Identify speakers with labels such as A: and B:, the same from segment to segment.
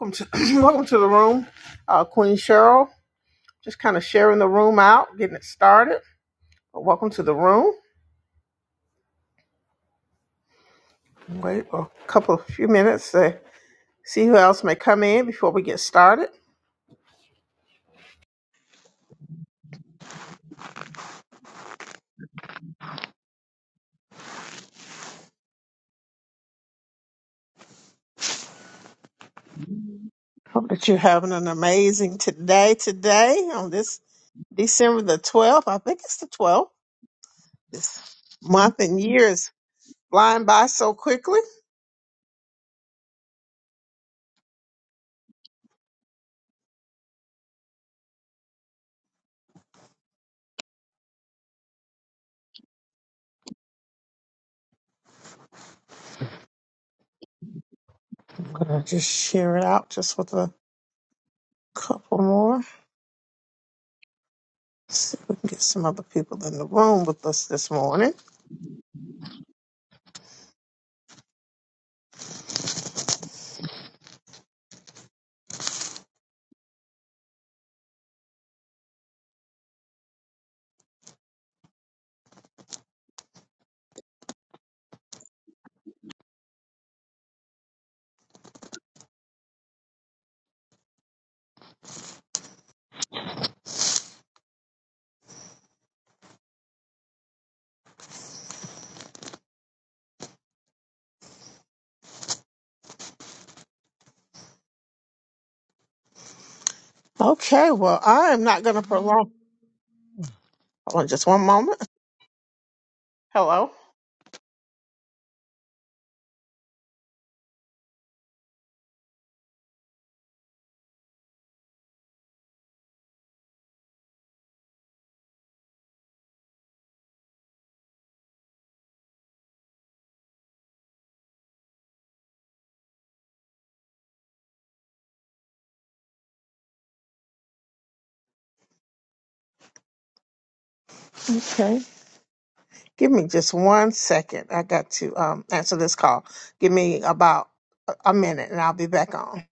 A: Welcome to, welcome to the room, uh, Queen Cheryl. Just kind of sharing the room out, getting it started. Uh, Welcome to the room. Wait a couple of few minutes to see who else may come in before we get started. Hope that you're having an amazing today. Today on this December the 12th, I think it's the 12th. This month and year is flying by so quickly. I'm gonna just share it out just with a couple more. See if we can get some other people in the room with us this morning. Okay, well, I am not going to prolong. Hold on just one moment. Hello? Okay. Give me just one second. I got to um, answer this call. Give me about a a minute and I'll be back on.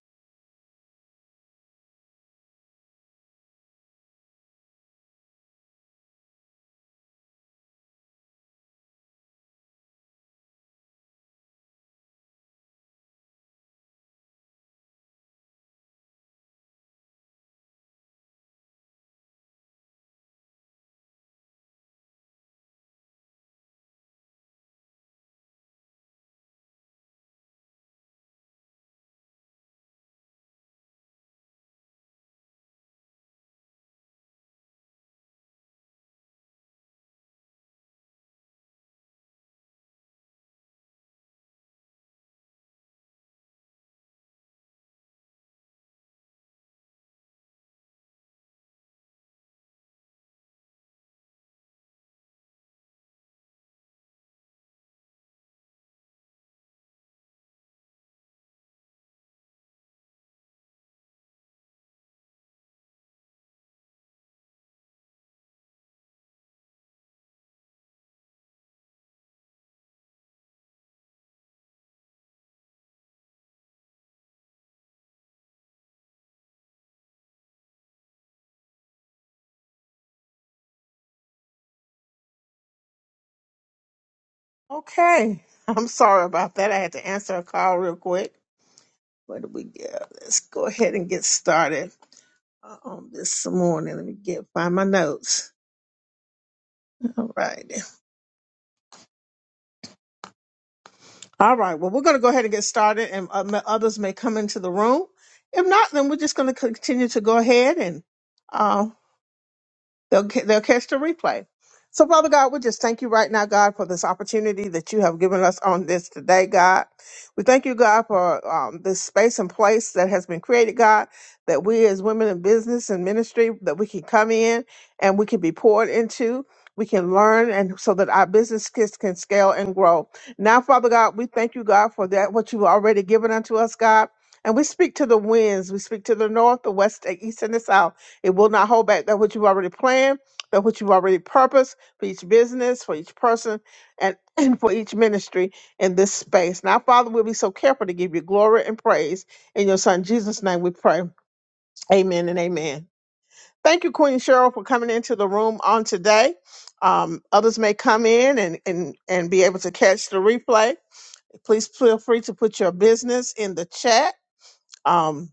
A: Okay. I'm sorry about that. I had to answer a call real quick. What do we get? Let's go ahead and get started uh, on this morning. Let me get find my notes. All right. All right. Well, we're going to go ahead and get started, and uh, m- others may come into the room. If not, then we're just going to continue to go ahead and uh, They'll, ca- they'll catch the replay. So, Father God, we just thank you right now, God, for this opportunity that you have given us on this today, God. We thank you, God, for um, this space and place that has been created, God, that we as women in business and ministry, that we can come in and we can be poured into. We can learn and so that our business kids can scale and grow. Now, Father God, we thank you, God, for that, what you've already given unto us, God. And we speak to the winds. We speak to the north, the west, the east, and the south. It will not hold back that which you've already planned, that which you've already purposed for each business, for each person, and, and for each ministry in this space. Now, Father, we'll be so careful to give you glory and praise. In your Son Jesus' name we pray. Amen and amen. Thank you, Queen Cheryl, for coming into the room on today. Um, others may come in and, and, and be able to catch the replay. Please feel free to put your business in the chat. Um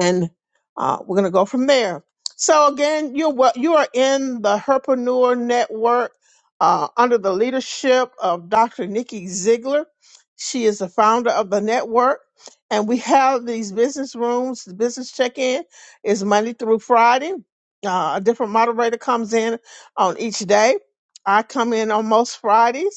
A: and uh, we're going to go from there. So again, you're wel- you are in the Herpreneur Network uh, under the leadership of Dr. Nikki Ziegler. She is the founder of the network, and we have these business rooms. The business check-in is Monday through Friday. Uh, a different moderator comes in on each day. I come in on most Fridays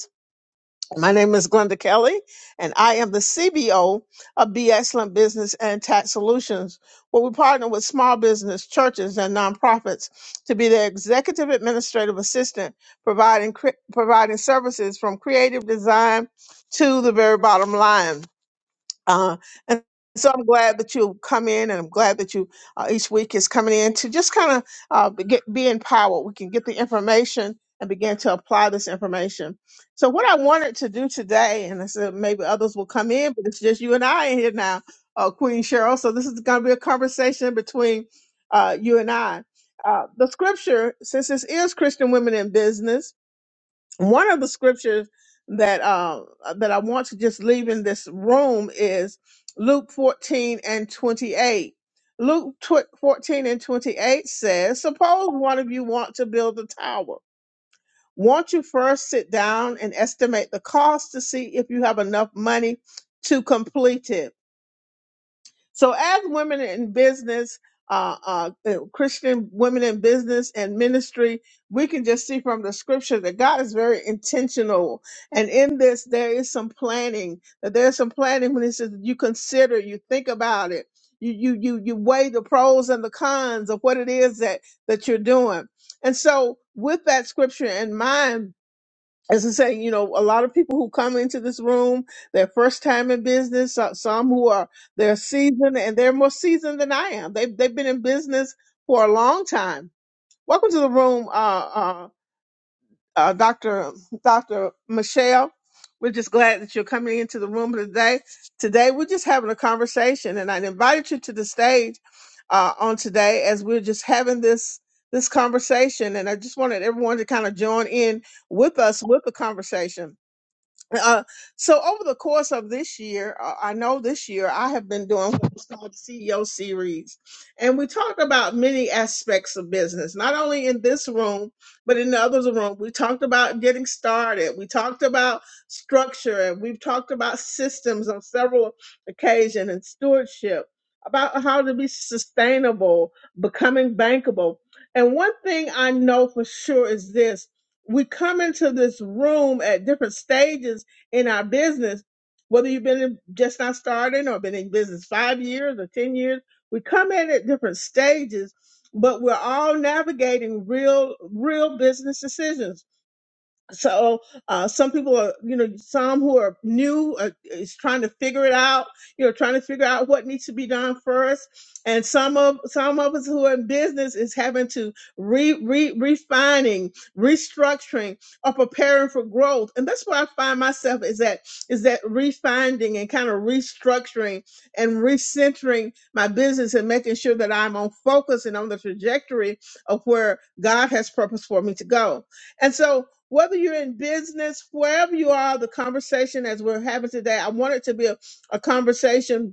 A: my name is Glenda Kelly, and I am the CBO of Be Excellent Business and Tax Solutions, where we partner with small business, churches, and nonprofits to be their executive administrative assistant, providing cre- providing services from creative design to the very bottom line. Uh, and so I'm glad that you come in, and I'm glad that you uh, each week is coming in to just kind of uh, be- get, be empowered. We can get the information and begin to apply this information. So what I wanted to do today, and I said maybe others will come in, but it's just you and I in here now, uh, Queen Cheryl. So this is going to be a conversation between uh, you and I. Uh, the scripture, since this is Christian women in business one of the scriptures that uh, that I want to just leave in this room is Luke 14 and 28. Luke tw- 14 and 28 says, Suppose one of you want to build a tower. Won't you first sit down and estimate the cost to see if you have enough money to complete it? So, as women in business, uh, uh, uh, Christian women in business and ministry, we can just see from the scripture that God is very intentional. And in this, there is some planning. That there's some planning when He says you consider, you think about it, you you you you weigh the pros and the cons of what it is that that you're doing. And so, with that scripture in mind, as I say, you know, a lot of people who come into this room, their first time in business, uh, some who are they're seasoned and they're more seasoned than I am. They've they've been in business for a long time. Welcome to the room, uh, uh, uh, Doctor Doctor Michelle. We're just glad that you're coming into the room today. Today we're just having a conversation, and I invited you to the stage uh, on today as we're just having this this conversation. And I just wanted everyone to kind of join in with us with the conversation uh, so over the course of this year, uh, I know this year I have been doing what's called CEO series, and we talked about many aspects of business, not only in this room but in the other room. We talked about getting started. We talked about structure, and we've talked about systems on several occasions and stewardship about how to be sustainable, becoming bankable. And one thing I know for sure is this: we come into this room at different stages in our business, whether you've been in, just now starting or been in business five years or 10 years, we come in at different stages, but we're all navigating real, real business decisions so uh, some people are you know some who are new uh, is trying to figure it out you know trying to figure out what needs to be done first and some of some of us who are in business is having to re, re refining restructuring or preparing for growth and that's where i find myself is that is that refining and kind of restructuring and recentering my business and making sure that i'm on focus and on the trajectory of where god has purpose for me to go and so whether you're in business, wherever you are, the conversation as we're having today, I want it to be a, a conversation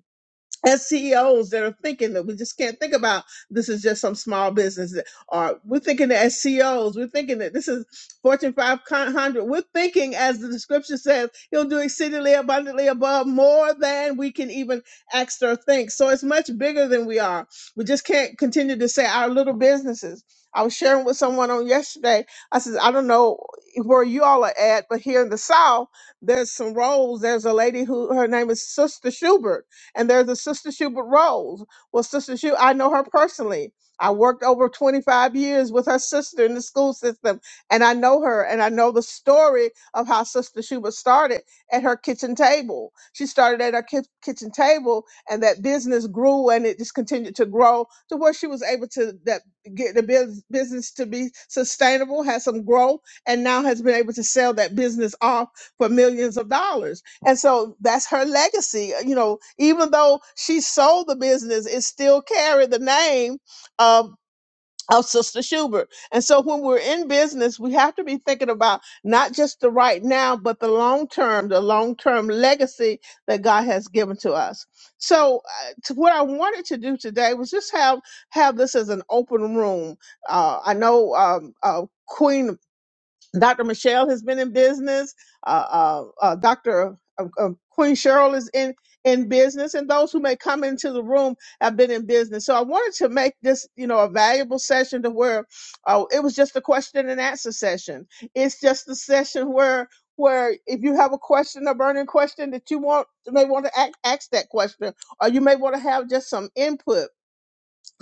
A: as CEOs that are thinking that we just can't think about this is just some small business, that- or we're thinking that as CEOs, we're thinking that this is Fortune 500. We're thinking, as the description says, he'll do exceedingly abundantly above more than we can even ask or think. So it's much bigger than we are. We just can't continue to say our little businesses. I was sharing with someone on yesterday. I said, I don't know where you all are at, but here in the South, there's some roles. There's a lady who her name is Sister Schubert and there's a Sister Schubert Rose. Well, Sister Schubert, I know her personally. I worked over 25 years with her sister in the school system, and I know her, and I know the story of how Sister Schubert started at her kitchen table. She started at her ki- kitchen table, and that business grew, and it just continued to grow to where she was able to that, get the bus- business to be sustainable, had some growth, and now has been able to sell that business off for millions of dollars. And so that's her legacy. uh, You know, even though she sold the business, it still carried the name of, of Sister Schubert. And so when we're in business, we have to be thinking about not just the right now, but the long term, the long term legacy that God has given to us. So uh, to what I wanted to do today was just have have this as an open room. Uh, I know um, uh, Queen Dr. Michelle has been in business. Uh, uh, uh, Dr. Uh, uh, Queen Cheryl is in in business, and those who may come into the room have been in business. So I wanted to make this, you know, a valuable session to where uh, it was just a question and answer session. It's just a session where where if you have a question, a burning question that you want you may want to act, ask that question, or you may want to have just some input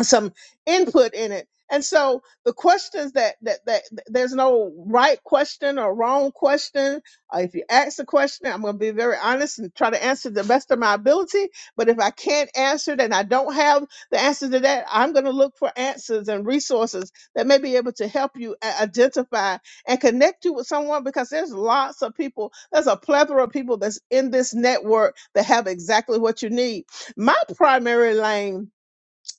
A: some input in it. And so the questions that that that that there's no right question or wrong question. Uh, if you ask a question, I'm going to be very honest and try to answer the best of my ability. But if I can't answer it and I don't have the answer to that, I'm going to look for answers and resources that may be able to help you a- identify and connect you with someone because there's lots of people. There's a plethora of people that's in this network that have exactly what you need. My primary lane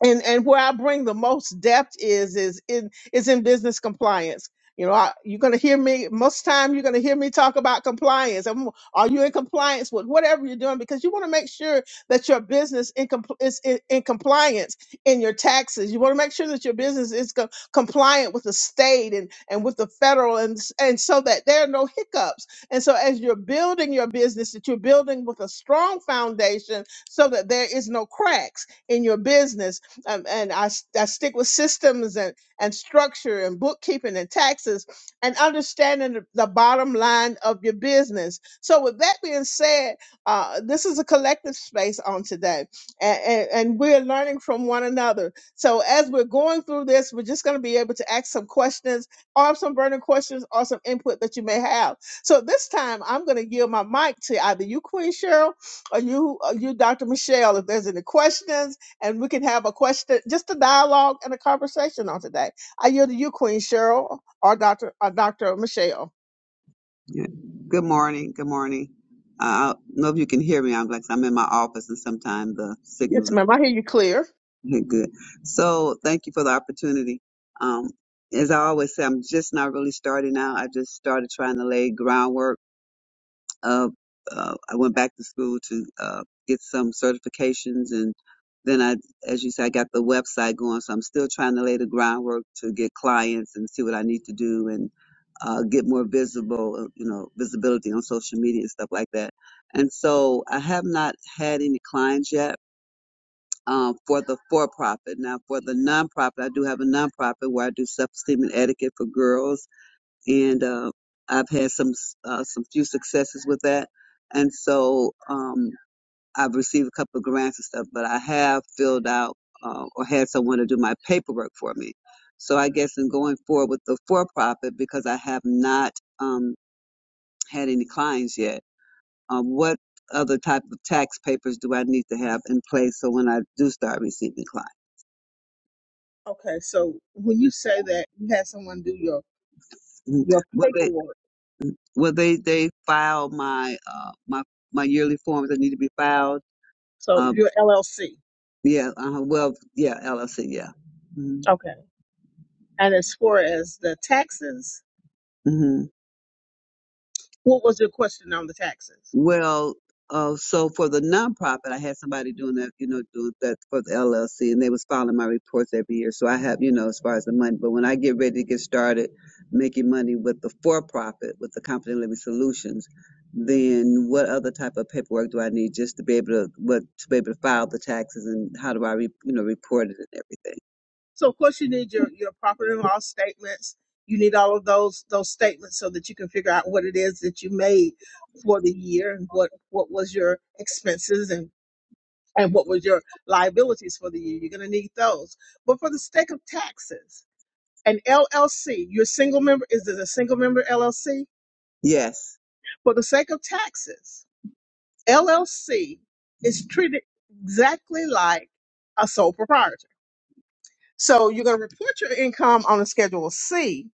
A: and and where I bring the most depth is is in is in business compliance. You know, I, you're gonna hear me most time. You're gonna hear me talk about compliance. I'm, are you in compliance with whatever you're doing? Because you want to make sure that your business in compl- is in, in compliance in your taxes. You want to make sure that your business is co- compliant with the state and and with the federal and s- and so that there are no hiccups. And so as you're building your business, that you're building with a strong foundation, so that there is no cracks in your business um, and I, s- I stick with systems and, and structure and bookkeeping and taxes and understanding the the bottom line of your business. So, with that being said, uh, this is a collective space on today, and, and, and we're learning from one another. So, as we're going through this, we're just going to be able to ask some questions or some burning questions or some input that you may have. So, this time, I'm going to yield my mic to either you, Queen Cheryl, or you, or you, Dr. Michelle, if there's any questions and we can have a question, just a dialogue and a conversation on today. I yield to you, Queen Cheryl or Dr. Or Dr. Michelle.
B: Yeah. Good morning. Good morning. Uh, I don't know if you can hear me. I'm like I'm in my office, and sometimes the
A: Yes,
B: signals are
A: ma'am. I hear you clear.
B: good. So thank you for the opportunity. Um, as I always say, I'm just not really starting out. I just started trying to lay groundwork Uh, uh, I went back to school to uh, get some certifications, and then I, as you said, I got the website going. So I'm still trying to lay the groundwork to get clients and see what I need to do and uh, get more visible, uh, you know, visibility on social media and stuff like that. And so I have not had any clients yet. Um, for the for-profit. Now, for the nonprofit, I do have a nonprofit where I do self-esteem and etiquette for girls and uh, I've had some s- uh, some few successes with that, and so um, I've received a couple of grants and stuff. But I have filled out uh, or had someone to do my paperwork for me. So I guess in going forward with the for profit, because I have not um, had any clients yet, um, what other type of tax papers do I need to have in place so when I do start receiving clients,
A: Okay, so when you say that you had someone do your
B: Mhm.
A: your
B: will they
A: paperwork,
B: will they they file my uh, my my yearly forms that need to be filed?
A: so
B: uh,
A: your LLC.
B: Yeah, uh well, yeah, LLC, yeah. Mhm.
A: Okay. And as far as the taxes,
B: hmm
A: what was your question on the taxes?
B: Well, uh, so for the nonprofit, I had somebody doing that, you know, doing that for the LLC, and they was filing my reports every year. So I have, you know, as far as the money. But when I get ready to get started making money with the for-profit, with the Company Living Solutions, then what other type of paperwork do I need just to be able to what to be able to file the taxes and how do I, re, you know, report it and everything?
A: So of course you need your, your property and loss statements. You need all of those those statements so that you can figure out what it is that you made for the year and what what was your expenses and and what was your liabilities for the year. You're going to need those. But for the sake of taxes, an LLC, your single member is it a single member LLC?
B: Yes.
A: For the sake of taxes, LLC is treated exactly like a sole proprietor So you're going to report your income on a Schedule C,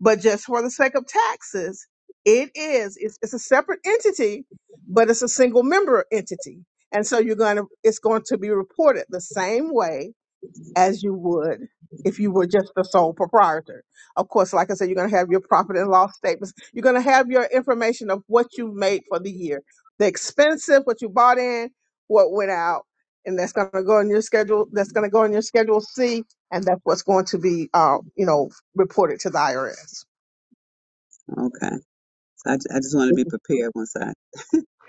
A: but just for the sake of taxes, it is, it's, it's a separate entity, but it's a single member entity. And so you're going to, it's going to be reported the same way as you would if you were just the sole proprietor. Of course, like I said, you're going to have your profit and loss statements. You're going to have your information of what you made for the year, the expenses, what you bought in, what went out, and that's going to go in your schedule. That's going to go in your schedule C, and that's what's going to be, uh, you know, reported to the IRS.
B: Okay. So I, ju- I just want to be prepared once I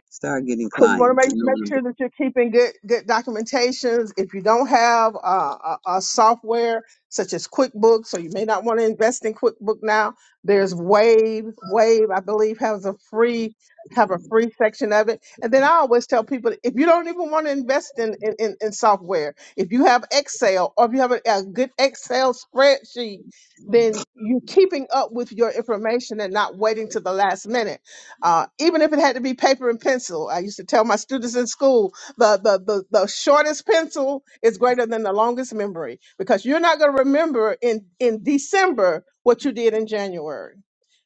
B: start getting
A: Because you want to
B: clients.
A: make, make sure that you're keeping good good documentations. If you don't have uh, a, a software such as QuickBooks, so you may not want to invest in QuickBook now. There's Wave. Wave, I believe, has a free have a free section of it. And then I always tell people if you don't even want to invest in in, in, in software, if you have Excel or if you have a, a good Excel spreadsheet, then you're keeping up with your information and not waiting to the last minute uh, even if it had to be paper and pencil, I used to tell my students in school the, the, the, the shortest pencil is greater than the longest memory because you're not going to remember in, in December what you did in January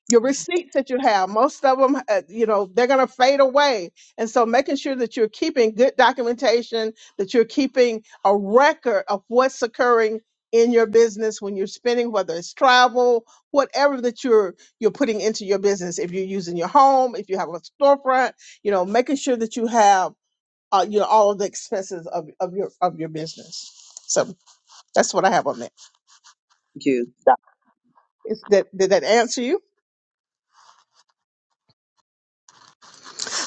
A: your receipts that you have most of them uh, you know they're going to fade away and so making sure that you're keeping good documentation that you're keeping a record of what's occurring in your business when you're spending whether it's travel whatever that you're you're putting into your business if you're using your home if you have a storefront you know making sure that you have uh, you know all of the expenses of, of your of your business so that's what i have on that
B: Thank you.
A: Is that did that answer you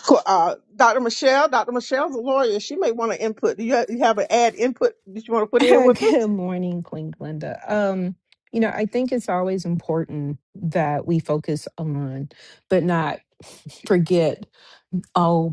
A: Co- Uh, Dr. Michelle, Dr. Michelle's a lawyer. She may want to input. Do you have, you have an ad input that you want to put in with
C: Good
A: us?
C: morning, Queen Glenda. Um, you know, I think it's always important that we focus on, but not forget. oh,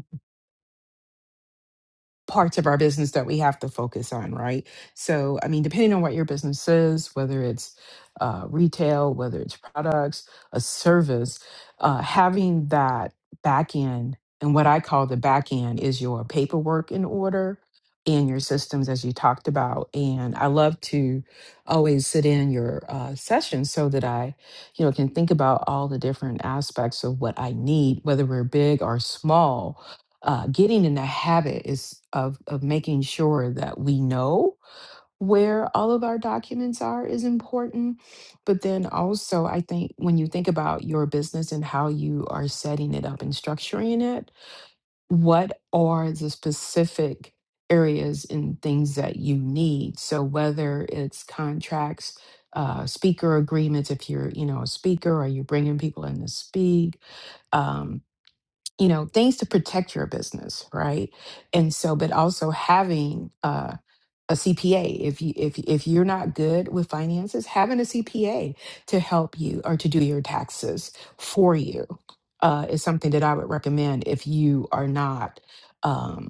C: parts of our business that we have to focus on, right? So, I mean, depending on what your business is, whether it's uh, retail, whether it's products, a service, uh, having that back end and what I call the back end is your paperwork in order and your systems, as you talked about. And I love to always sit in your uh, sessions so that I, you know, can think about all the different aspects of what I need, whether we're big or small uh, getting in the habit is of of making sure that we know where all of our documents are is important but then also i think when you think about your business and how you are setting it up and structuring it what are the specific areas and things that you need so whether it's contracts uh, speaker agreements if you're you know a speaker or you're bringing people in to speak um, you know things to protect your business right and so but also having uh, a cpa if you if if you're not good with finances having a cpa to help you or to do your taxes for you uh, is something that i would recommend if you are not Um,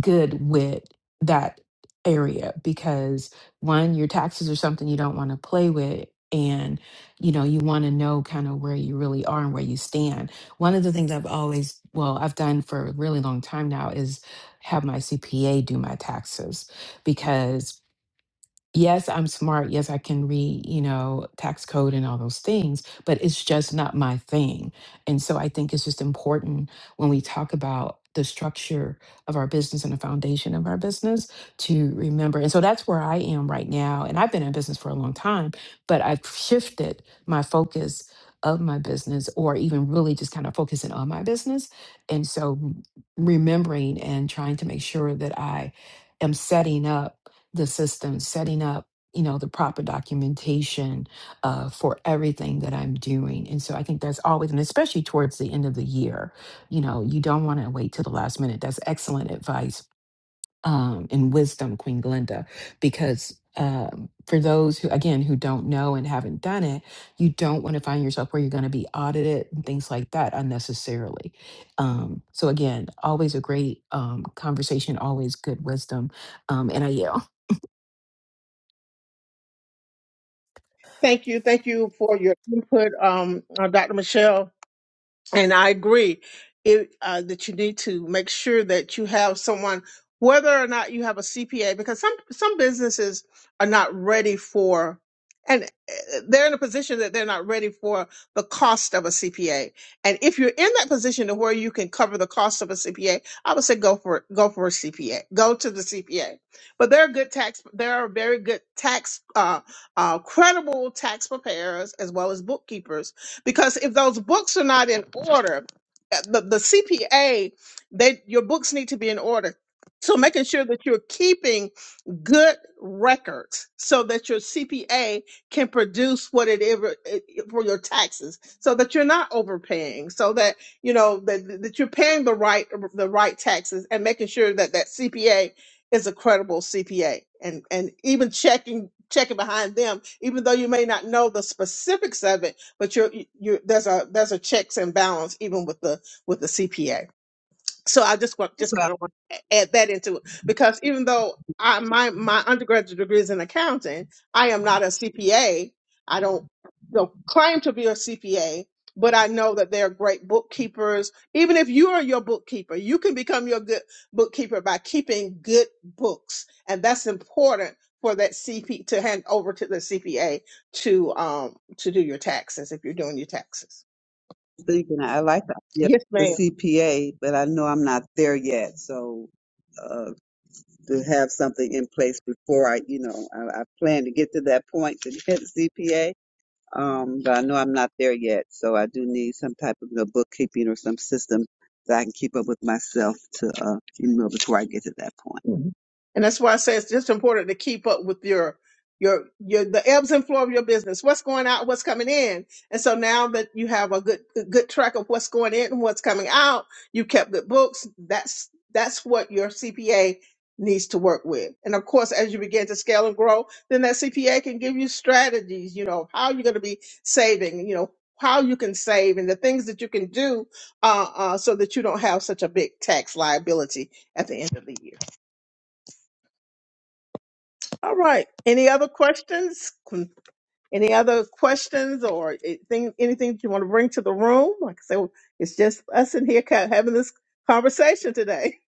C: good with that area because one your taxes are something you don't want to play with and you know you want to know kind of where you really are and where you stand one of the things i've always well i've done for a really long time now is have my cpa do my taxes because yes, I'm smart. Yes, I can read, you know, tax code and all those things, but it's just not my thing. And so I think it's just important when we talk about the structure of our business and the foundation of our business to remember. And so that's where I am right now. And I've been in business for a long time, but I've shifted my focus of my business or even really just kind of focusing on my business. And so remembering and trying to make sure that I am setting up the system, setting up, you know, the proper documentation uh, for everything that I'm doing. And so I think that's always, and especially towards the end of the year, you know, you don't want to wait till the last minute. That's excellent advice um, and wisdom, Queen Glenda, because um, for those who, again, who don't know and haven't done it, you don't want to find yourself where you're going to be audited and things like that unnecessarily. Um, so again, always a great um, conversation, always good wisdom. Um, and I yield.
A: Thank you. Thank you for your input, um, uh, Dr. Michelle. And I agree it, uh, that you need to make sure that you have someone, whether or not you have a CPA, because some some businesses are not ready for, and uh, they're in a position that they're not ready for the cost of a CPA. And if you're in that position to where you can cover the cost of a CPA, I would say go for it. Go for a CPA. Go to the CPA. But there are good tax. There are very good tax, uh, uh, credible tax preparers as well as bookkeepers because if those books are not in order uh, the, the cpa they your books need to be in order so making sure that you're keeping good records so that your cpa can produce what it ever it- it- for your taxes so that you're not overpaying so that you know that, that you're paying the right the right taxes and making sure that that cpa is a credible cpa and and even checking checking behind them even though you may not know the specifics of it but you're you are there's a there's a checks and balance even with the with the CPA so I just want,
B: That's
A: just
B: what I
A: kind of want to add that into it because even though I, my my undergraduate degree is in accounting, I am not a CPA. I don't you know, claim to be a CPA, but I know that there are great bookkeepers. Even if you are your bookkeeper, you can become your good bookkeeper by keeping good books, and that's important for that CP to hand over to the CPA to um to do your taxes if you're doing your taxes.
B: was thinking. I I like the idea of
A: Yes,
B: the
A: ma'am.
B: CPA, but I know I'm not there yet. So uh, to have something in place before I, you know, I, I plan to get to that point to get the CPA. Um, but I know I'm not there yet. So I do need some type of you know, bookkeeping or some system that I can keep up with myself to, uh, you know, before I get to that point.
A: Mhm. And that's why I say it's just important to keep up with your your your the ebbs and flow of your business. What's going out, what's coming in. And so now that you have a good a good track of what's going in and what's coming out, you kept good books. That's that's what your CPA needs to work with. And of course, as you begin to scale and grow, then that CPA can give you strategies, you know, how you're going to be saving, you know, how you can save and the things that you can do uh, uh, so that you don't have such a big tax liability at the end of the year. All right. Any other questions? Con- Any other questions or anything, anything you want to bring to the room? Like I said, it's just us in here kind of having this conversation today.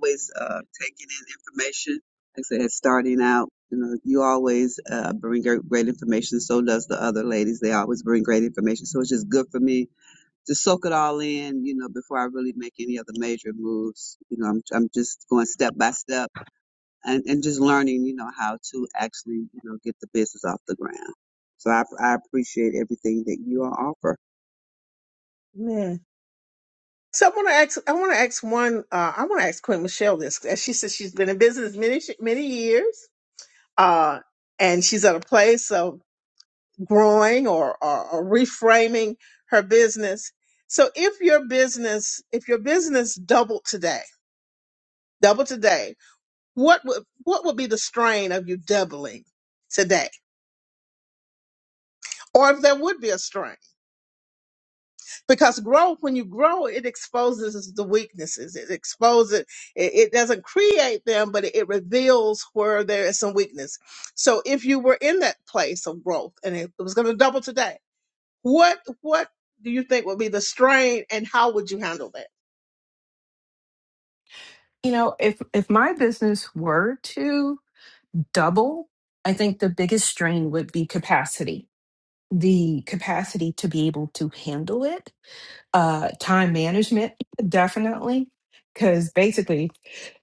B: always uh, taking in information. Like I said, starting out, you know, you always uh, bring great, great information. So does the other ladies. They always bring great information. So it's just good for me to soak it all in, you know, before I really make any other major moves. You know, I'm I'm just going step by step and and just learning, you know, how to actually, you know, get the business off the ground. So I I appreciate everything that you all offer.
A: Yeah. So I want to ask. I want to ask one. Uh, I want to ask Queen Michelle this. As she says, she's been in business many sh- many years, uh, and she's at a place of growing or, or, or reframing her business. So if your business, if your business doubled today, double today, what would what would be the strain of you doubling today? Or if there would be a strain. Because growth, when you grow, it exposes the weaknesses. It exposes it, it doesn't create them, but it reveals where there is some weakness. So if you were in that place of growth and it was going to double today, What what do you think would be the strain and how would you handle that?
C: You know, if if my business were to double, I think the biggest strain would be capacity. The capacity to be able to handle it, uh, time management, definitely. Because basically,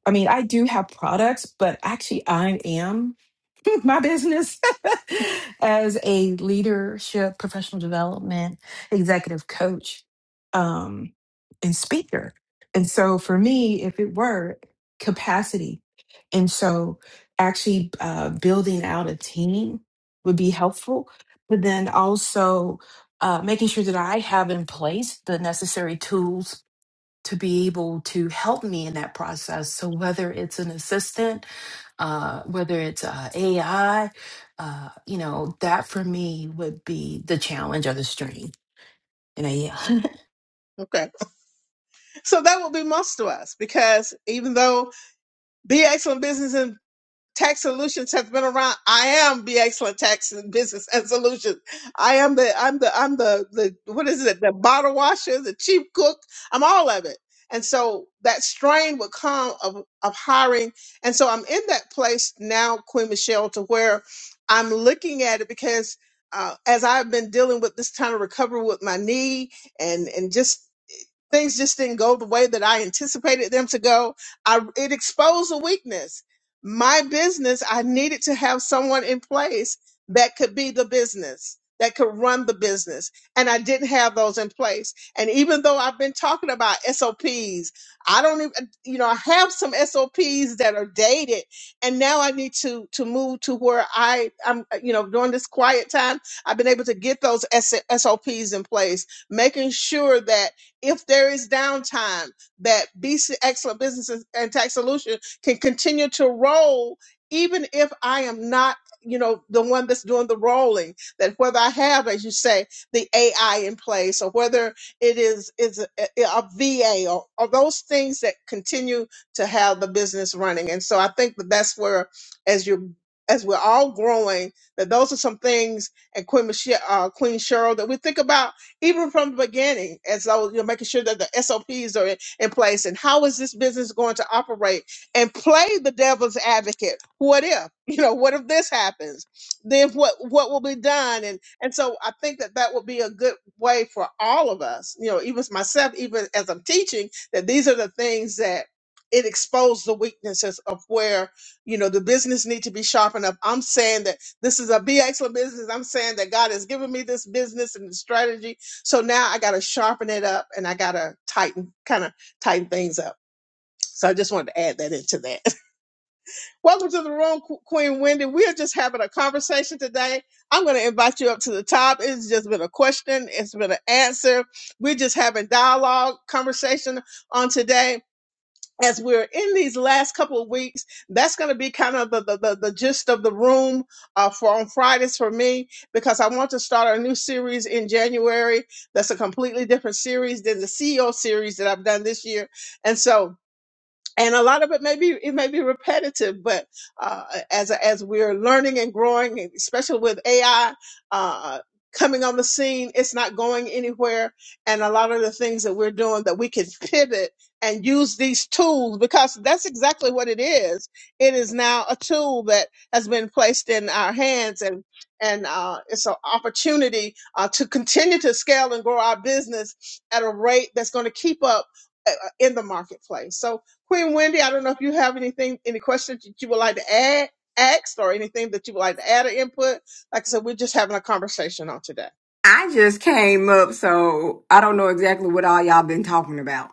C: I mean, I do have products, but actually, I am. my business as a leadership, professional development, executive coach, um, and speaker. And so for me, if it were capacity, and so actually uh, building out a team would be helpful, but then also uh, making sure that I have in place the necessary tools to be able to help me in that process. So whether it's an assistant, uh, whether it's uh, AI, uh, you know, that for me would be the challenge or the strain. And I, yeah.
A: Okay. So that would be most of us because even though be excellent business tax solutions has been around. I am the excellent tax and business and solutions. I am the I'm the I'm the the what is it? The bottle washer, the chief cook. I'm all of it. And so that strain would come of of hiring. And so I'm in that place now, Queen Michelle, to where I'm looking at it because uh, as I've been dealing with this time of recovery with my knee and and just things just didn't go the way that I anticipated them to go. I it exposed a weakness. My business, I needed to have someone in place that could be the business, that could run the business. And I didn't have those in place. And even though I've been talking about SOPs, I don't even you know, I have some SOPs that are dated and now I need to to move to where I I'm you know, during this quiet time, I've been able to get those SOPs in place, making sure that if there is downtime, that BC Excellent Business and Tax Solution can continue to roll, even if I am not, you know, the one that's doing the rolling. That whether I have, as you say, the AI in place, or whether it is is a, VA, or, or those things that continue to have the business running. And so I think that that's where, as you as we're all growing, that those are some things, and Queen Michelle, uh, Queen Cheryl, that we think about even from the beginning, as though you're making sure that the SOPs are in, in place and how is this business going to operate and play the devil's advocate. What if, you know, what if this happens? Then what what will be done? And and so I think that that would be a good way for all of us, you know, even myself, even as I'm teaching, that these are the things that it exposed the weaknesses of where you know the business need to be sharpened up. I'm saying that this is a be excellent business. I'm saying that God has given me this business and the strategy so now I got to sharpen it up and I got to tighten, kind of tighten things up. So I just wanted to add that into that. Welcome to the room, Qu- Queen Wendy. We are just having a conversation today. I'm going to invite you up to the top. It's just been a question. It's been an answer. We're just having dialogue, conversation on today as we're in these last couple of weeks, that's going to be kind of the, the, the, the gist of the room uh, for on Fridays for me, because I want to start a new series in January. That's a completely different series than the CEO series that I've done this year. And so, and a lot of it may be it may be repetitive but uh, as as we're learning and growing especially with ai uh, coming on the scene it's not going anywhere and a lot of the things that we're doing that we can pivot and use these tools because that's exactly what it is it is now a tool that has been placed in our hands and and uh, it's an opportunity uh, to continue to scale and grow our business at a rate that's going to keep up uh, in the marketplace so Queen Wendy, I don't know if you have anything, any questions that you would like to add, asked, or anything that you would like to add or input. Like I said, we're just having a conversation on today.
D: I just came up, so I don't know exactly what all y'all been talking about.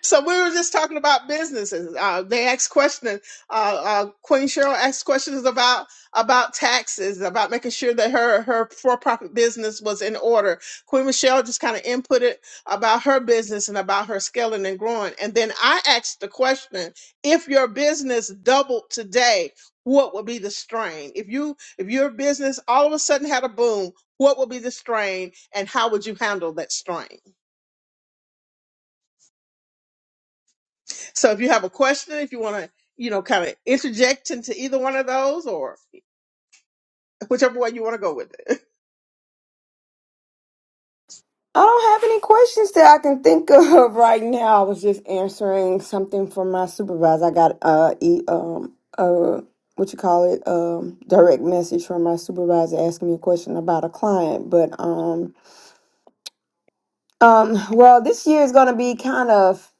A: So we were just talking about businesses. Uh, they asked questions. Uh, uh, Queen Cheryl asked questions about about taxes, about making sure that her her for profit business was in order. Queen Michelle just kind of inputted about her business and about her scaling and growing. And then I asked the question: If your business doubled today, what would be the strain? If you if your business all of a sudden had a boom, what would be the strain, and how would you handle that strain? So if you have a question, if you want to, you know, kind of interject into either one of those or whichever way you want to go with it.
D: I don't have any questions that I can think of right now. I was just answering something from my supervisor. I got uh e um uh what you call it um direct message from my supervisor asking me a question about a client. But um um well this year is gonna be kind of.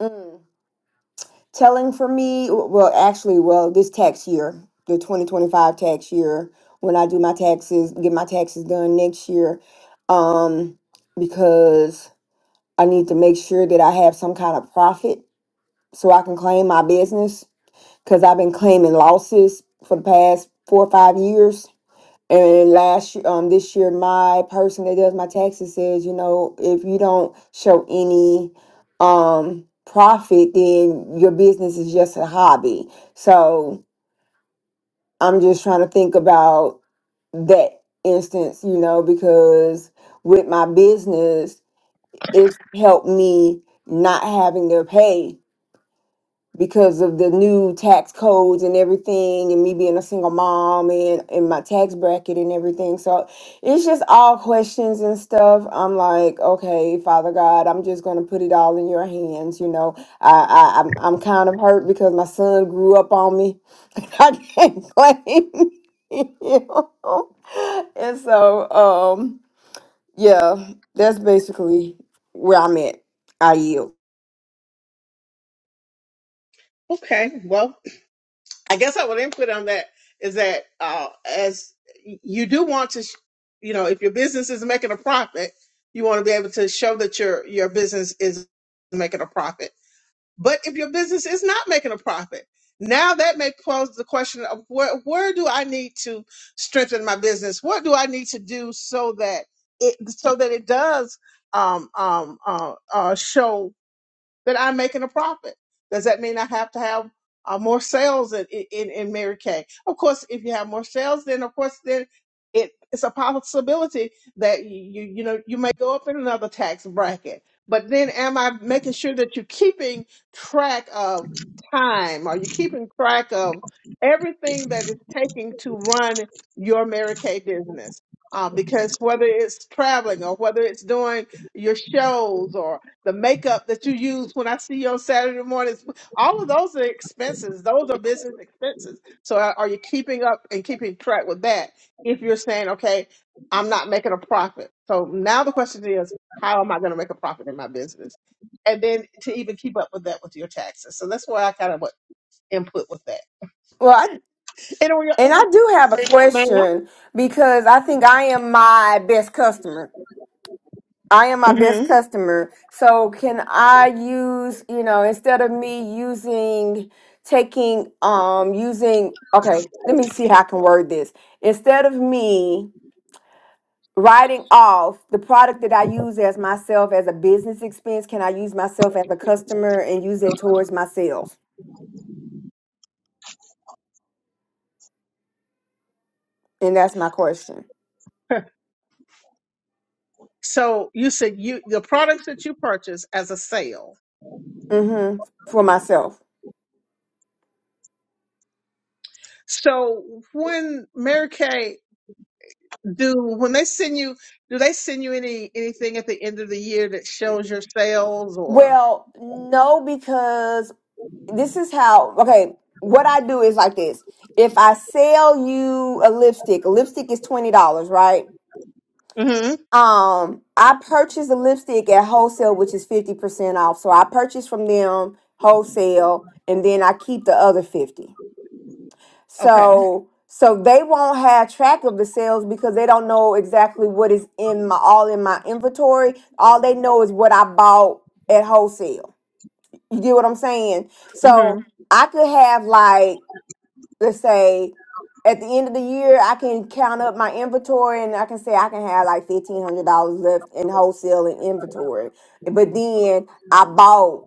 D: mm. telling for me well actually well this tax year the 2025 tax year when i do my taxes get my taxes done next year um because i need to make sure that i have some kind of profit so i can claim my business because i've been claiming losses for the past four or five years and last year, um, this year, my person that does my taxes says, you know, if you don't show any um profit, then your business is just a hobby. So I'm just trying to think about that instance, you know, because with my business, it's helped me not having to pay because of the new tax codes and everything and me being a single mom and in my tax bracket and everything so it's just all questions and stuff i'm like okay father god i'm just going to put it all in your hands you know i, I i'm, I'm kind of hurt because my son grew up on me i can't blame you and so um yeah that's basically where i'm at i yield
A: Okay. Well, I guess I would input on that is that uh, as you do want to, sh- you know, if your business is making a profit, you want to be able to show that your your business is making a profit But if your business is not making a profit, now that may pose the question of where where do I need to strengthen my business? What do I need to do so that it so that it does um, um, uh, uh, show that I'm making a profit. Does that mean I have to have uh, more sales in, in in Mary Kay? Of course, if you have more sales, then of course then it, it's a possibility that you you know you may go up in another tax bracket. But then, am I making sure that you're keeping track of time? Are you keeping track of everything that it's taking to run your Mary Kay business? Uh, because whether it's traveling or whether it's doing your shows the makeup that you use when I see you on Saturday mornings, all of those are expenses. Those are business expenses. So are are you keeping up and keeping track with that if you're saying, okay, I'm not making a profit? So now the question is, how am I going to make a profit in my business? And then to even keep up with that with your taxes. So that's where I kind of what input with that.
D: well I.
A: And we
D: And I do have a
A: ma'am.
D: question because I think I am my best customer. I am my best Mhm.
A: hmm
D: customer. So can I use, you know, instead of me using taking um using okay, let me see how I can word this. Instead of me writing off the product that I use as myself as a business expense, can I use myself as a customer and use it towards myself? And that's my question.
A: So you said you the products that you purchase as a sale.
D: Mhm. For myself.
A: So when Mary Kay Do when they send you, do they send you any anything at the end of the year that shows your sales or?
D: Well, no, because this is how, okay, what I do is like this. If I sell you a lipstick, a lipstick is $20, right?
A: hmm
D: Um, I purchase a lipstick at wholesale, which is 50% off. So I purchase from them wholesale and then I keep the other 50.
A: Okay.
D: So so they won't have track of the sales because they don't know exactly what is in my all in my inventory. All they know is what I bought at wholesale. You get what I'm saying?
A: hmm
D: So I could have like, let's say, at the end of the year, I can count up my inventory and I can say I can have like fifteen hundred dollars left in wholesale and inventory. But then I bought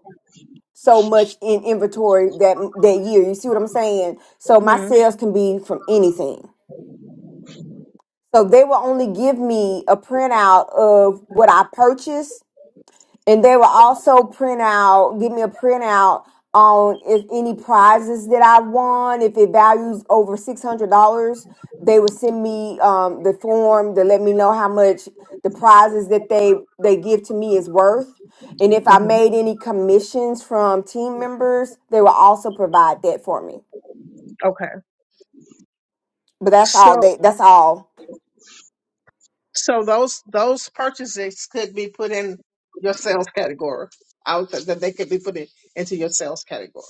D: so much in inventory that that year. You see what I'm saying? So my
A: hmm
D: sales can be from anything. So they will only give me a printout of what I purchased And they will also print out, give me a printout on if any prizes that I won. If it values over six hundred dollars, they will send me um, the form to let me know how much the prizes that they they give to me is worth. And if I
A: hmm
D: made any commissions from team members, they will also provide that for me.
A: Okay.
D: But that's all
A: So
D: they. That's all.
A: so those those purchases could be put in your sales category. I would think that they could be put in, into your sales category.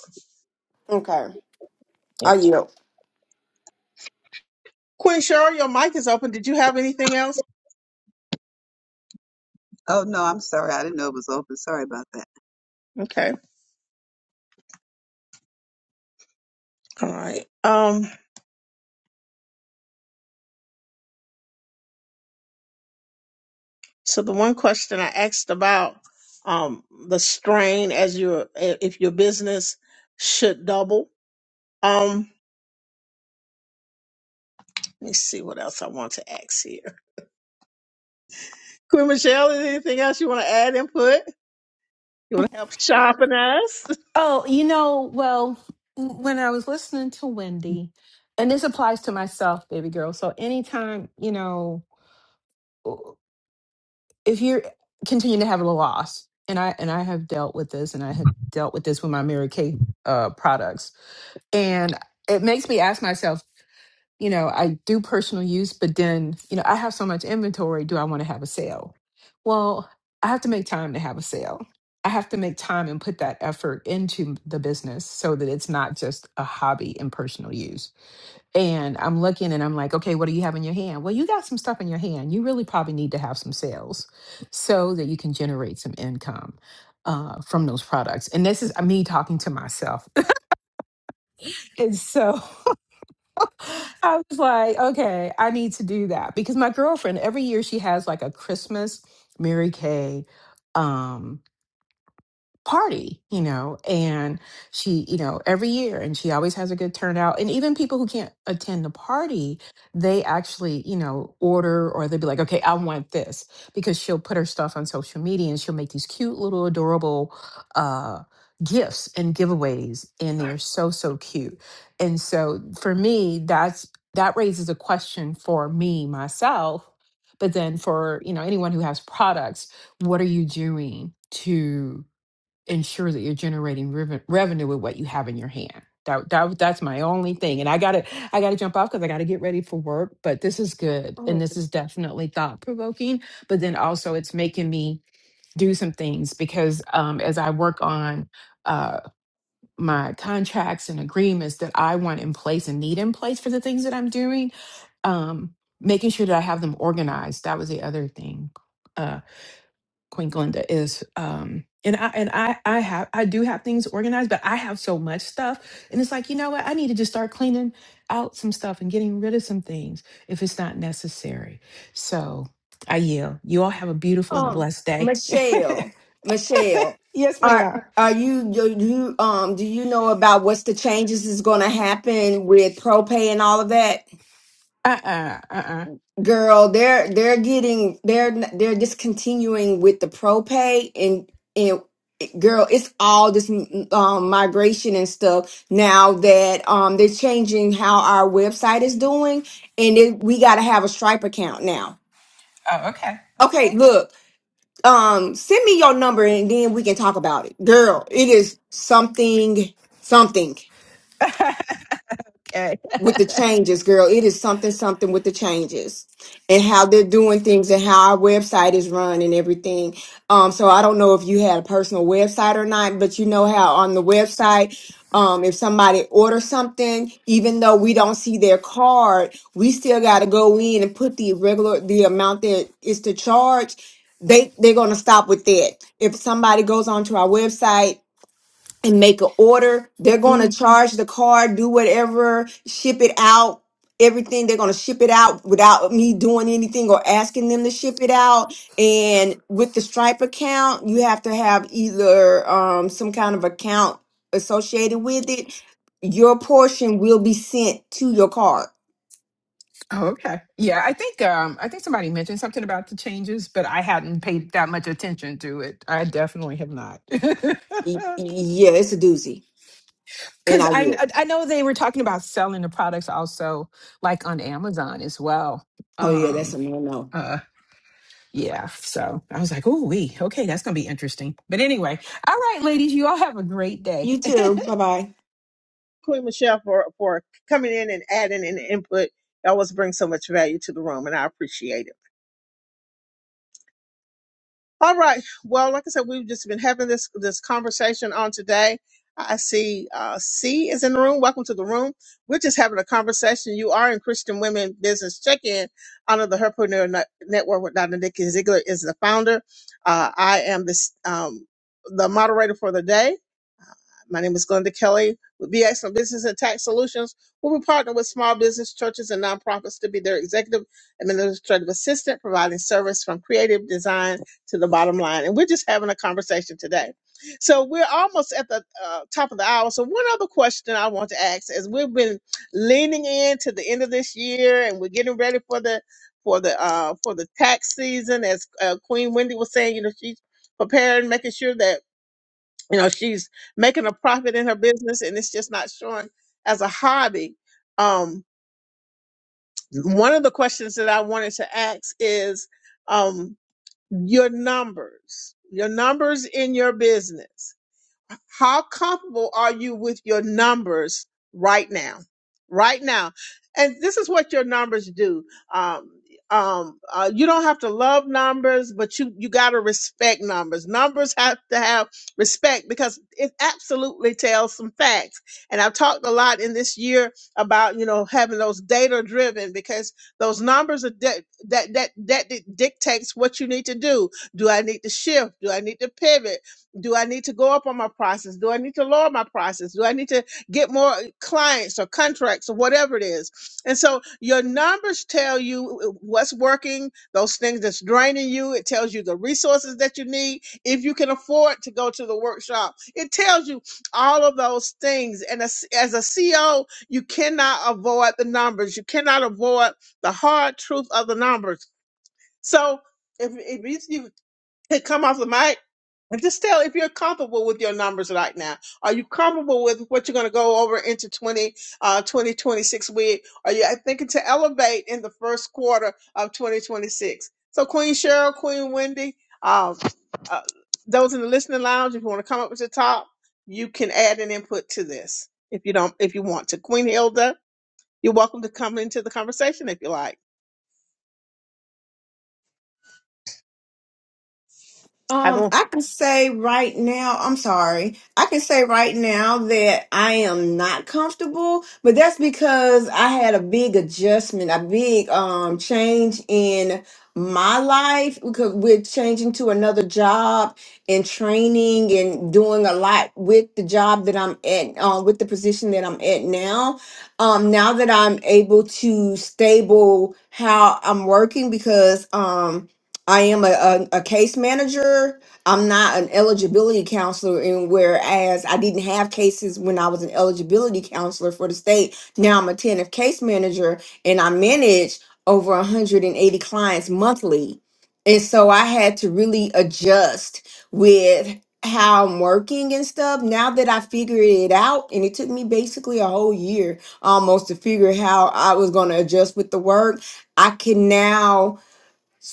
D: Okay.
A: Yeah.
D: Oh yeah.
A: Queen Cheryl, your mic is open. Did you have anything else?
B: Oh no, I'm sorry, I didn't know it was open. Sorry about that.
A: Okay. All right. Um. So the one question I asked about um, the strain as your if your business should double. Um, let me see what else I want to ask here. Queen Michelle, is there anything else you want to add input? You want to help sharpen us?
C: oh, you know, well, w- when I was listening to Wendy, and this applies to myself, baby girl. So anytime, you know. if you continue to have a loss and i and i have dealt with this and i have dealt with this with my mary kay uh, products and it makes me ask myself you know i do personal use but then you know i have so much inventory do i want to have a sale well i have to make time to have a sale i have to make time and put that effort into the business so that it's not just a hobby and personal use and I'm looking and I'm like, okay, what do you have in your hand? Well, you got some stuff in your hand. You really probably need to have some sales so that you can generate some income uh, from those products. And this is uh, me talking to myself. and so I was like, okay, I need to do that because my girlfriend, every year she has like a Christmas Mary Kay. Um, party, you know, and she, you know, every year and she always has a good turnout. And even people who can't attend the party, they actually, you know, order or they'd be like, okay, I want this because she'll put her stuff on social media and she'll make these cute little adorable uh gifts and giveaways and they're so so cute. And so for me, that's that raises a question for me myself, but then for, you know, anyone who has products, what are you doing? to? ensure that you're generating reven- revenue with what you have in your hand. That, that that's my only thing, and I gotta I gotta jump off because I gotta get ready for work. But this is good, and this is definitely thought provoking. But then also, it's making me do some things because um, as I work on uh, my contracts and agreements that I want in place and need in place for the things that I'm doing, um, making sure that I have them organized. That was the other thing uh, Queen Glenda is um and I and I I have I do have things organized, but I have so much stuff. And it's like, you know what? I need to just start cleaning out some stuff and getting rid of some things if it's not necessary. So I yield. You all have a beautiful and a
D: Um,
C: blessed day.
D: Michelle, Michelle,
C: Yes,
D: are
C: ma'am.
D: are you do you um do you know about what's the changes is going to happen with propay and all of that?
C: Uh-uh. Uh-uh.
D: Girl, they're they're getting they're they're discontinuing with the propay and and girl, it's all this mm, mm, um migration and stuff now that um they're changing how our website is doing and it, we got to have a Stripe account now.
C: Oh, okay.
D: Okay,
C: Okay.
D: look. um send me your number and then we can talk about it girl it is something something
C: okay.
D: with the changes, girl. It is something, something with the changes and how they're doing things and how our website is run and everything. Um, so I don't know if you had a personal website or not, but you know how on the website, um, if somebody orders something, even though we don't see their card, we still got to go in and put the regular, the amount that is to charge. They, they're going to stop with that. If somebody goes onto our website and make an order. They're going to
C: Mhm.
D: charge the card, do whatever, ship it out, everything. They're going to ship it out without me doing anything or asking them to ship it out. And with the Stripe account, you have to have either um, some kind of account associated with it. Your portion will be sent to your card.
C: Oh, okay. Yeah, I think um I think somebody mentioned something about the changes, but I hadn't paid that much attention to it. I definitely have not.
D: Y- Yeah, it's a doozy. And
C: Because
D: I
C: I
D: will.
C: I know they were talking about selling the products also like on Amazon as well.
D: Oh, yeah, that's
C: Um
D: a no no.
C: uh yeah, so I was like, "Ooh, we okay, that's gonna be interesting. But anyway, all right, ladies, you all have a great day.
D: You too. Bye bye.
A: Queen Michelle for for coming in and adding an input. You always bring so much value to the room, and I appreciate it. All right. Well, like I said, we've just been having this this conversation on today. I see uh, C is in the room. Welcome to the room. We're just having a conversation. You are in Christian Women Business Check-In under the Herpreneur Net- Network with Dr. Nikki Ziegler is the founder. Uh, I am this um, the moderator for the day. My name is Glenda Kelly with BX from Business and Tax Solutions, where we partner with small business, churches, and nonprofits to be their executive administrative assistant, providing service from creative design to the bottom line. And we're just having a conversation today. So we're almost at the uh, top of the hour. So one other question I want to ask as We've been leaning in to the end of this year, and we're getting ready for the for the uh, for the tax season. As uh, Queen Wendy was saying, you know, she's preparing, making sure that you know she's making a profit in her business and it's just not showing as a hobby um one of the questions that i wanted to ask is um your numbers your numbers in your business how comfortable are you with your numbers right now right now and this is what your numbers do um um uh, you don't have to love numbers but you you got to respect numbers numbers have to have respect because it absolutely tells some facts and i've talked a lot in this year about you know having those data driven because those numbers are di- that that that dictates what you need to do do i need to shift do i need to pivot do I need to go up on my process? Do I need to lower my process? Do I need to get more clients or contracts or whatever it is? And so your numbers tell you what's working, those things that's draining you. It tells you the resources that you need. If you can afford to go to the workshop, it tells you all of those things. And as, as a CEO, you cannot avoid the numbers. You cannot avoid the hard truth of the numbers. So if, if you you could come off the mic, and just tell if you're comfortable with your numbers right now. Are you comfortable with what you're going to go over into 20, uh, 2026 with? Are you thinking to elevate in the first quarter of 2026? So, Queen Cheryl, Queen Wendy, um, uh, those in the listening lounge, if you want to come up with your top, you can add an input to this if you don't, if you want to. Queen Hilda, you're welcome to come into the conversation if you like.
D: Um, I can say right now, I'm sorry. I can say right now that I am not comfortable, but that's because I had a big adjustment, a big um change in my life because we're changing to another job and training and doing a lot with the job that I'm at, uh, with the position that I'm at now. Um, now that I'm able to stable how I'm working because um. I am a, a, a case manager. I'm not an eligibility counselor. And whereas I didn't have cases when I was an eligibility counselor for the state, now I'm a tentative case manager and I manage over 180 clients monthly. And so I had to really adjust with how I'm working and stuff. Now that I figured it out, and it took me basically a whole year almost to figure how I was going to adjust with the work, I can now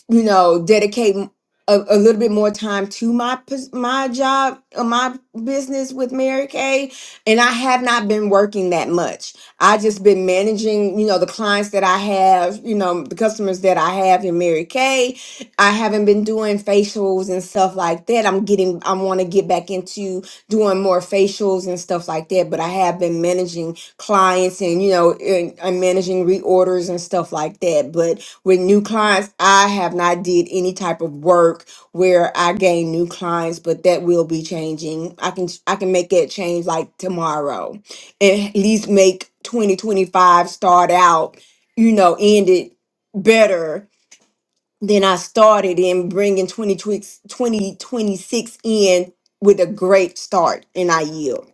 D: you know, dedicate m- a, a little bit more time to my pos- my job, uh, my business with Mary Kay, and I have not been working that much. I just been managing, you know, the clients that I have, you know, the customers that I have in Mary Kay. I haven't been doing facials and stuff like that. I'm getting, I want to get back into doing more facials and stuff like that, but I have been managing clients and you know, and, and managing reorders and stuff like that, but with new clients i have not did any type of work where i gain new clients but that will be changing i can i can make that change like tomorrow and at least make 2025 start out you know end it better than i started in bringing 2026 2026 in with a great start and i yield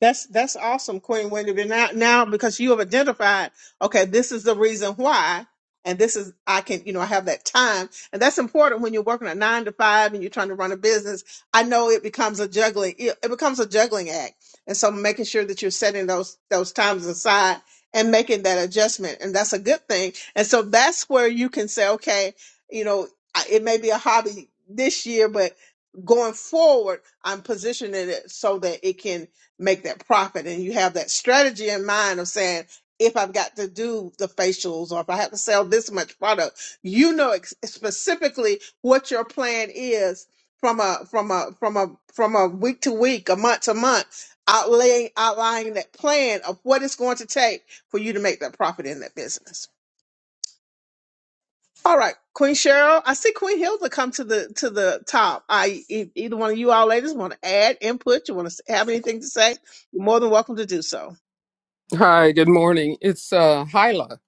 A: That's that's awesome, Queen Wendy. But now, now because you have identified, okay, this is the reason why, and this is I can, you know, I have that time, and that's important when you're working a nine to five and you're trying to run a business. I know it becomes a juggling, it it becomes a juggling act, and so making sure that you're setting those those times aside and making that adjustment, and that's a good thing. And so that's where you can say, okay, you know, I- it may be a hobby this year, but going forward, I'm positioning it so that it can make that profit and you have that strategy in mind of saying if i've got to do the facials or if i have to sell this much product you know ex- specifically what your plan is from a from a from a from a week to week a month to month outlaying outlining that plan of what it's going to take for you to make that profit in that business all right queen cheryl i see queen hilda come to the to the top i e- either one of you all ladies want to add input you want to have anything to say you're more than welcome to do so
E: Hi, good morning. It's uh Hyla.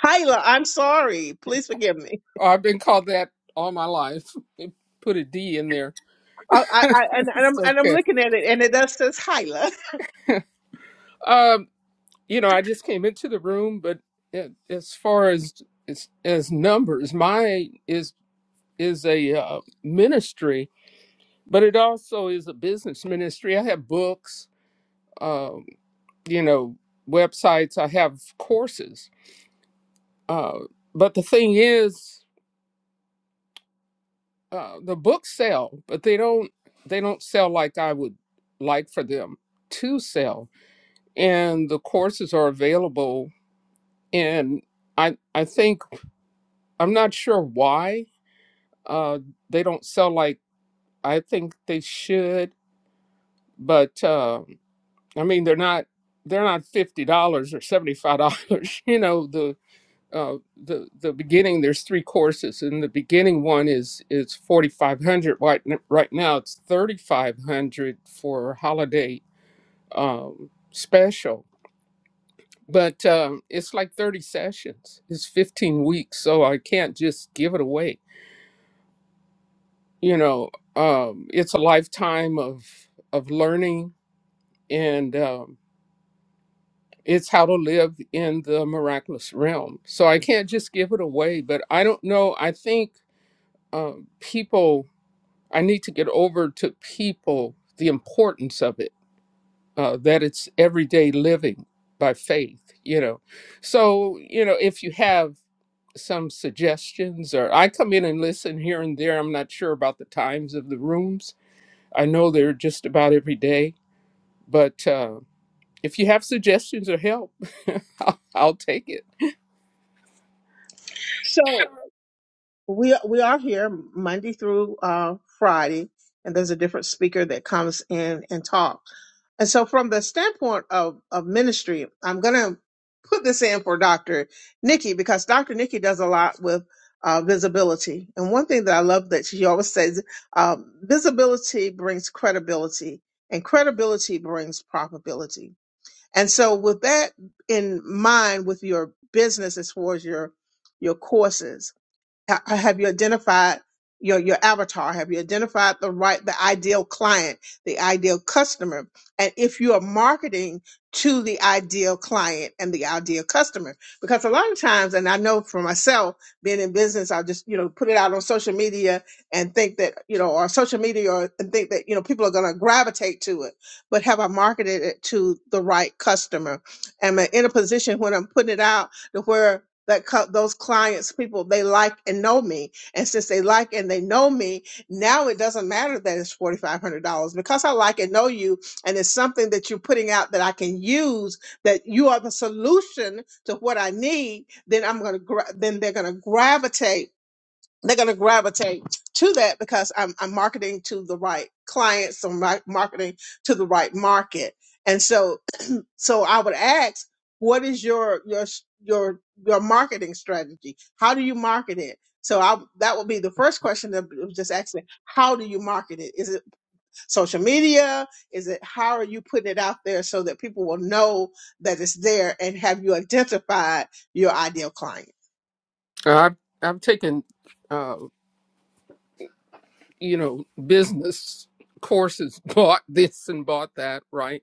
A: Hyla, I'm sorry. Please forgive me.
E: Oh, I've been called that all my life. Put a D in there.
A: I, I, I and, and
E: it's
A: I'm and I'm
E: okay.
A: looking at it, and it does says Hyla.
E: Um, you know, I just came into the room, but it, as far as as, as numbers, my is is a uh, ministry, but it also is a business ministry. I have books, um, you know, websites. I have courses. Uh, but the thing is. uh, the books sell, but they don't they don't sell like I would like for them to sell. And the courses are available, and I I think I'm not sure why uh, they don't sell like I think they should, but uh, I mean they're not they're not fifty dollars or seventy five dollars. You know the. uh, the the beginning there's three courses and the beginning one is is 4500 right, n- right now it's 3500 for holiday um, special but um, it's like 30 sessions it's 15 weeks so i can't just give it away you know um, it's a lifetime of of learning and um, it's how to live in the miraculous realm so i can't just give it away but i don't know i think um, people I need to get over to people the importance of it, uh, that it's everyday living by faith, you know. So, you know, if you have some suggestions, or I come in and listen here and there, I'm not sure about the times of the rooms. I know they're just about every day, but uh, if you have suggestions or help, I'll, I'll take it.
A: So we we are here Monday through uh, Friday, and there's a different speaker that comes in and talk. And so, from the standpoint of of ministry, I'm gonna put this in for Doctor Nikki because Doctor Nikki does a lot with uh, visibility. And one thing that I love that she always says, um, visibility brings credibility, and credibility brings probability. And so with that in mind with your business as far as your your courses, ha- have you identified your your avatar have you identified the right the ideal client the ideal customer and if you are marketing to the ideal client and the ideal customer because a lot of times and i know for myself being in business i'll just you know put it out on social media and think that you know or social media or and think that you know people are going to gravitate to it but have i marketed it to the right customer am i in a position when i'm putting it out to where that co- those clients, people they like and know me. And since they like and they know me, now it doesn't matter that it's forty five hundred dollars because I like and know you, and it's something that you're putting out that I can use. That you are the solution to what I need. Then I'm gonna gra- then they're gonna gravitate. They're gonna gravitate to that because I'm I'm marketing to the right clients. I'm mar- marketing to the right market. And so so I would ask, what is your your your your marketing strategy? How do you market it? So I that would be the first question that was just asking, how do you market it? Is it social media? Is it how are you putting it out there so that people will know that it's there and have you identified your ideal client?
E: Uh, I've, I've taken. uh, you know, business courses, bought this and bought that, right?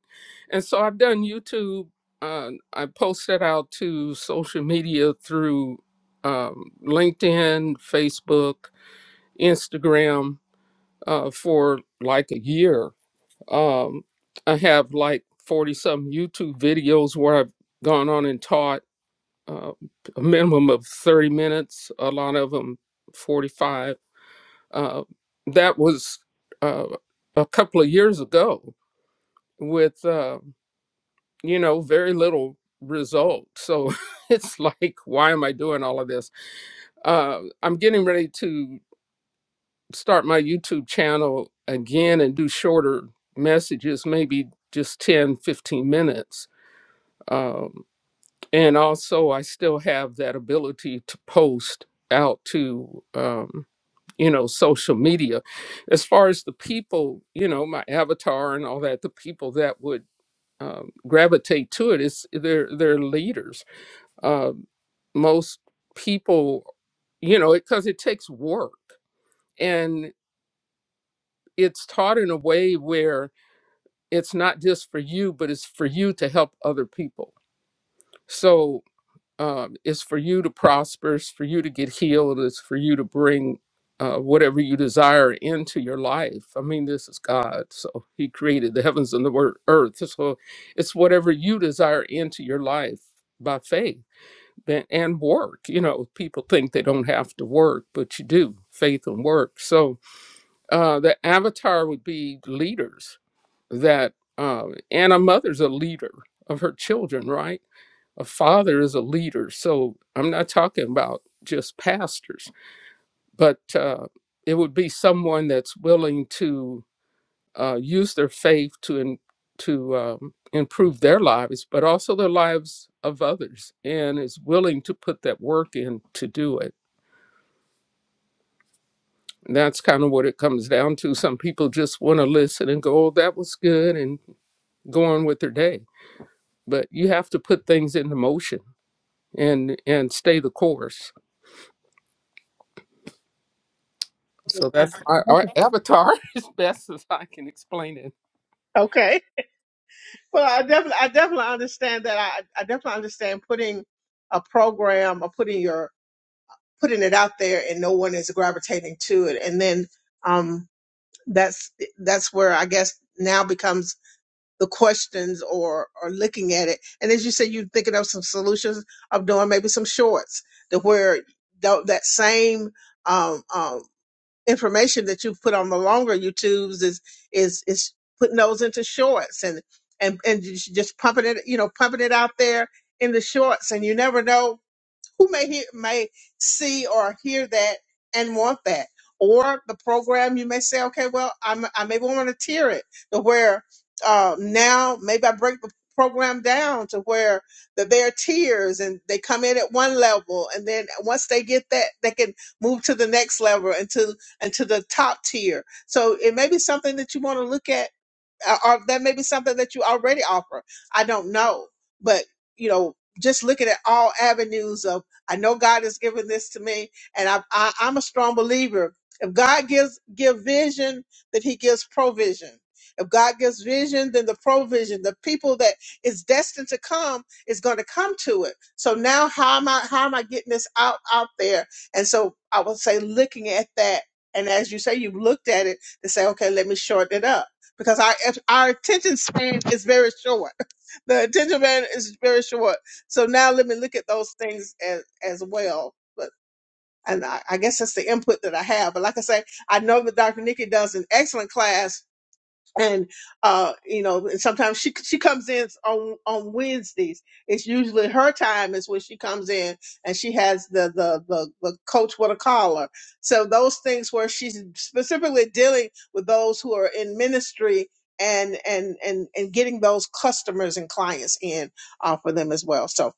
E: And so I've done YouTube. Uh, I posted out to social media through um, LinkedIn, Facebook, Instagram uh, for like a year. Um, I have like 40 some YouTube videos where I've gone on and taught uh, a minimum of 30 minutes, a lot of them 45 uh, that was uh, a couple of years ago with, uh, you know, very little result. So it's like, why am I doing all of this? Uh, I'm getting ready to start my YouTube channel again and do shorter messages, maybe just 10, 15 minutes. Um, and also, I still have that ability to post out to. um, you know social media as far as the people you know my avatar and all that the people that would um, gravitate to it is they're they're leaders uh, most people you know because it takes work and it's taught in a way where it's not just for you but it's for you to help other people so um, is for you to prosper, it's for you to get healed, is for you to bring uh, whatever you desire into your life. I mean, this is God. So He created the heavens and the wor- earth. So it's whatever you desire into your life by faith than- and work. You know, people think they don't have to work, but you do faith and work. So uh, the avatar would be leaders that, uh, and a Mother's a leader of her children, right? a father is a leader. So I'm not talking about just pastors, but uh, it would be someone that's willing to uh, use their faith to in, to um, improve their lives, but also the lives of others, and is willing to put that work in to do it. And that's kind of what it comes down to. Some people just want to listen and go, "Oh, that was good," and go on with their day. But you have to put things into motion and and stay the course So that's
A: I-
E: our, our avatar as best as I can explain it.
A: Okay. Well, I definitely, I definitely understand that. I, I definitely understand putting a program or putting your putting it out there and no one is gravitating to it and then um that's that's where i guess now becomes the questions or or looking at it and as you said you're thinking of some solutions of doing maybe some shorts to where tho- that same um um information that you put on the longer youtubes is is is putting those into shorts and and and just just pumping it you know pumping it out there in the shorts and you never know who may hear, may see or hear that and want that. Or the program, you may say, okay, well, I'm, I maybe want to tier it to where uh, now maybe I break the program down to where that there are tiers and they come in at one level and then once they get that they can move to the next level and to and to the top tier. So it may be something that you want to look at or or that may be something that you already offer. I don't know, but you know, just looking at all avenues of, I know God has given this to me, and I, I, I'm a strong believer. If God gives give vision, then He gives provision. If God gives vision, then the provision, the people that is destined to come, is going to come to it. So now, how am I? How am I getting this out out there? And so I would say, looking at that, and as you say, you've looked at it to say, okay, let me shorten it up because our our attention span is very short. The attention span is very short. So now let me look at those things as as well. But and I, I guess that's the input that I have. But like I say, I know that Dr. Nikki does an excellent class and uh you know and sometimes she she comes in on on wednesdays it's usually her time is when she comes in and she has the the the, the coach with a collar so those things where she's specifically dealing with those who are in ministry and and and and getting those customers and clients in uh, for them as well so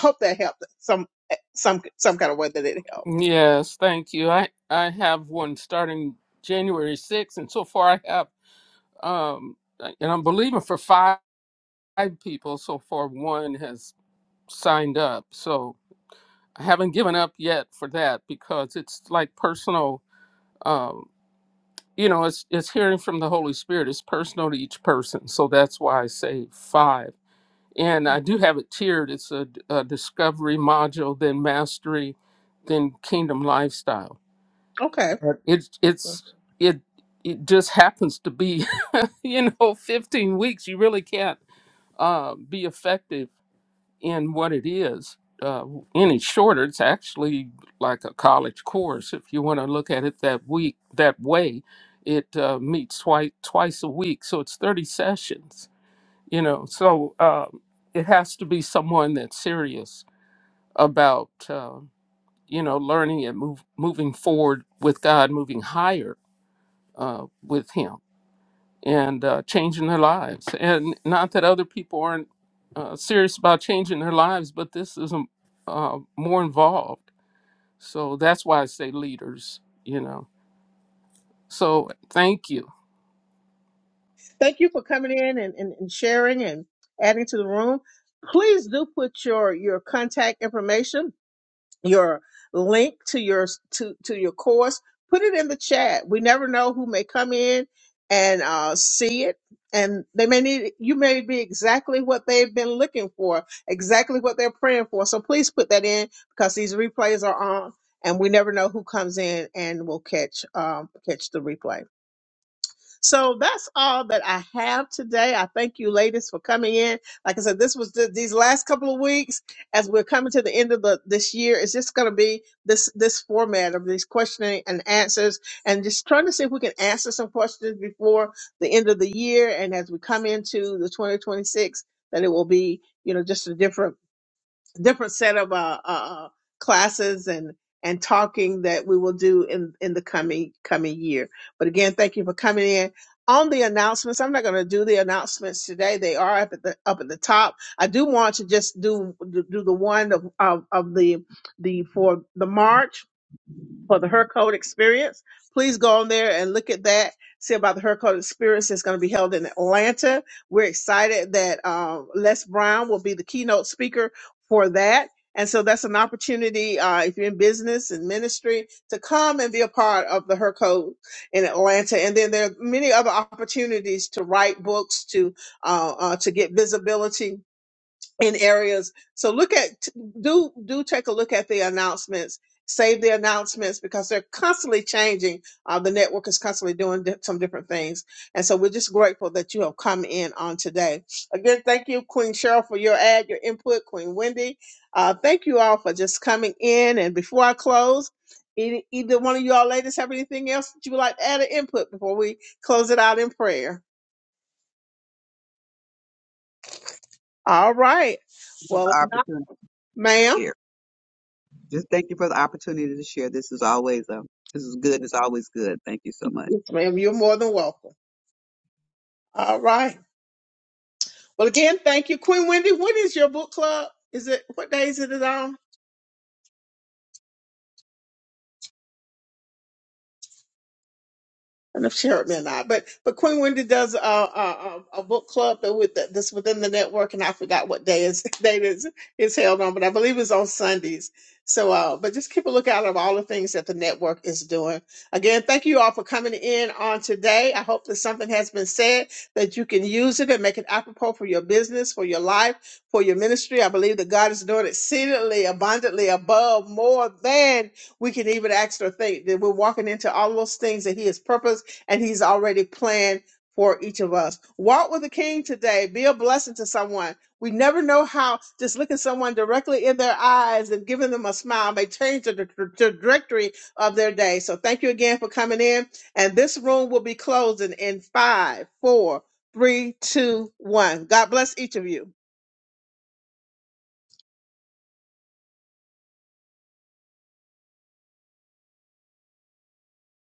A: Hope that helped some some some kind of way that it helped.
E: Yes, thank you. I I have one starting January 6th, and so far I have um and I'm believing for five people so far one has signed up. So I haven't given up yet for that because it's like personal um you know, it's it's hearing from the Holy Spirit. It's personal to each person. So that's why I say five. and I do have it tiered. It's a, a discovery module, then mastery, then kingdom lifestyle.
A: Okay.
E: It it's it it just happens to be you know 15 weeks. You really can't uh, be effective in what it is uh, any shorter. It's actually like a college course if you want to look at it that week that way. It uh, meets twice twice a week, so it's 30 sessions you know so um, it has to be someone that's serious about uh, you know learning and move, moving forward with god moving higher uh, with him and uh, changing their lives and not that other people aren't uh, serious about changing their lives but this is um, uh, more involved so that's why i say leaders you know so thank you
A: Thank you for coming in and, and, and sharing and adding to the room. Please do put your your contact information, your link to your to to your course. Put it in the chat. We never know who may come in and uh, see it, and they may need you may be exactly what they've been looking for, exactly what they're praying for. So please put that in because these replays are on, and we never know who comes in and will catch um, catch the replay. So that's all that I have today. I thank you, ladies, for coming in. Like I said, this was the, these last couple of weeks as we're coming to the end of the this year. It's just going to be this this format of these questioning and answers, and just trying to see if we can answer some questions before the end of the year. And as we come into the 2026, that it will be you know just a different different set of uh, uh, uh, classes and and talking that we will do in in the coming coming year. But again, thank you for coming in. On the announcements, I'm not going to do the announcements today. They are up at the up at the top. I do want to just do do the one of of, of the the for the March for the Her Code experience. Please go on there and look at that. See about the Her Code experience that's going to be held in Atlanta. We're excited that um, Les Brown will be the keynote speaker for that. And so that's an opportunity uh, if you're in business and ministry to come and be a part of the Her Code in Atlanta. And then there are many other opportunities to write books, to uh, uh, to get visibility in areas. So look at do do take a look at the announcements. Save the announcements because they're constantly changing. Uh, the network is constantly doing di- some different things, and so we're just grateful that you have come in on today. Again, thank you, Queen Cheryl, for your ad, your input. Queen Wendy, uh, thank you all for just coming in. And before I close, either, either one of you all ladies have anything else that you would like to add or input before we close it out in prayer? All right. Well, if not,
B: Opportunity to
A: ma'am.
B: share. Just thank you for the opportunity to share. This is always um, this is good. It's always good. Thank you so much.
A: Yes, ma'am. You're more than welcome. All right. Well, again, thank you, Queen Wendy. When is your book club? Is it what days is it on? I don't know if she heard me or not, but but Queen Wendy does a a, a book club that with the, this within the network, and I forgot what day is day it is is held on, but I believe it's on Sundays. So, uh, but just keep a lookout of all the things that the network is doing. Again, thank you all for coming in on today. I hope that something has been said that you can use it and make it apropos for your business, for your life, for your ministry. I believe that God is doing exceedingly abundantly above more than we can even ask or think. That we're walking into all those things that He has purposed and he's already planned for each of us. Walk with the king today. Be a blessing to someone. We never know how just looking someone directly in their eyes and giving them a smile may change the tra- tra- trajectory of their day. So thank you again for coming in. And this room will be closing in five, four, three, two, one. God bless each of you.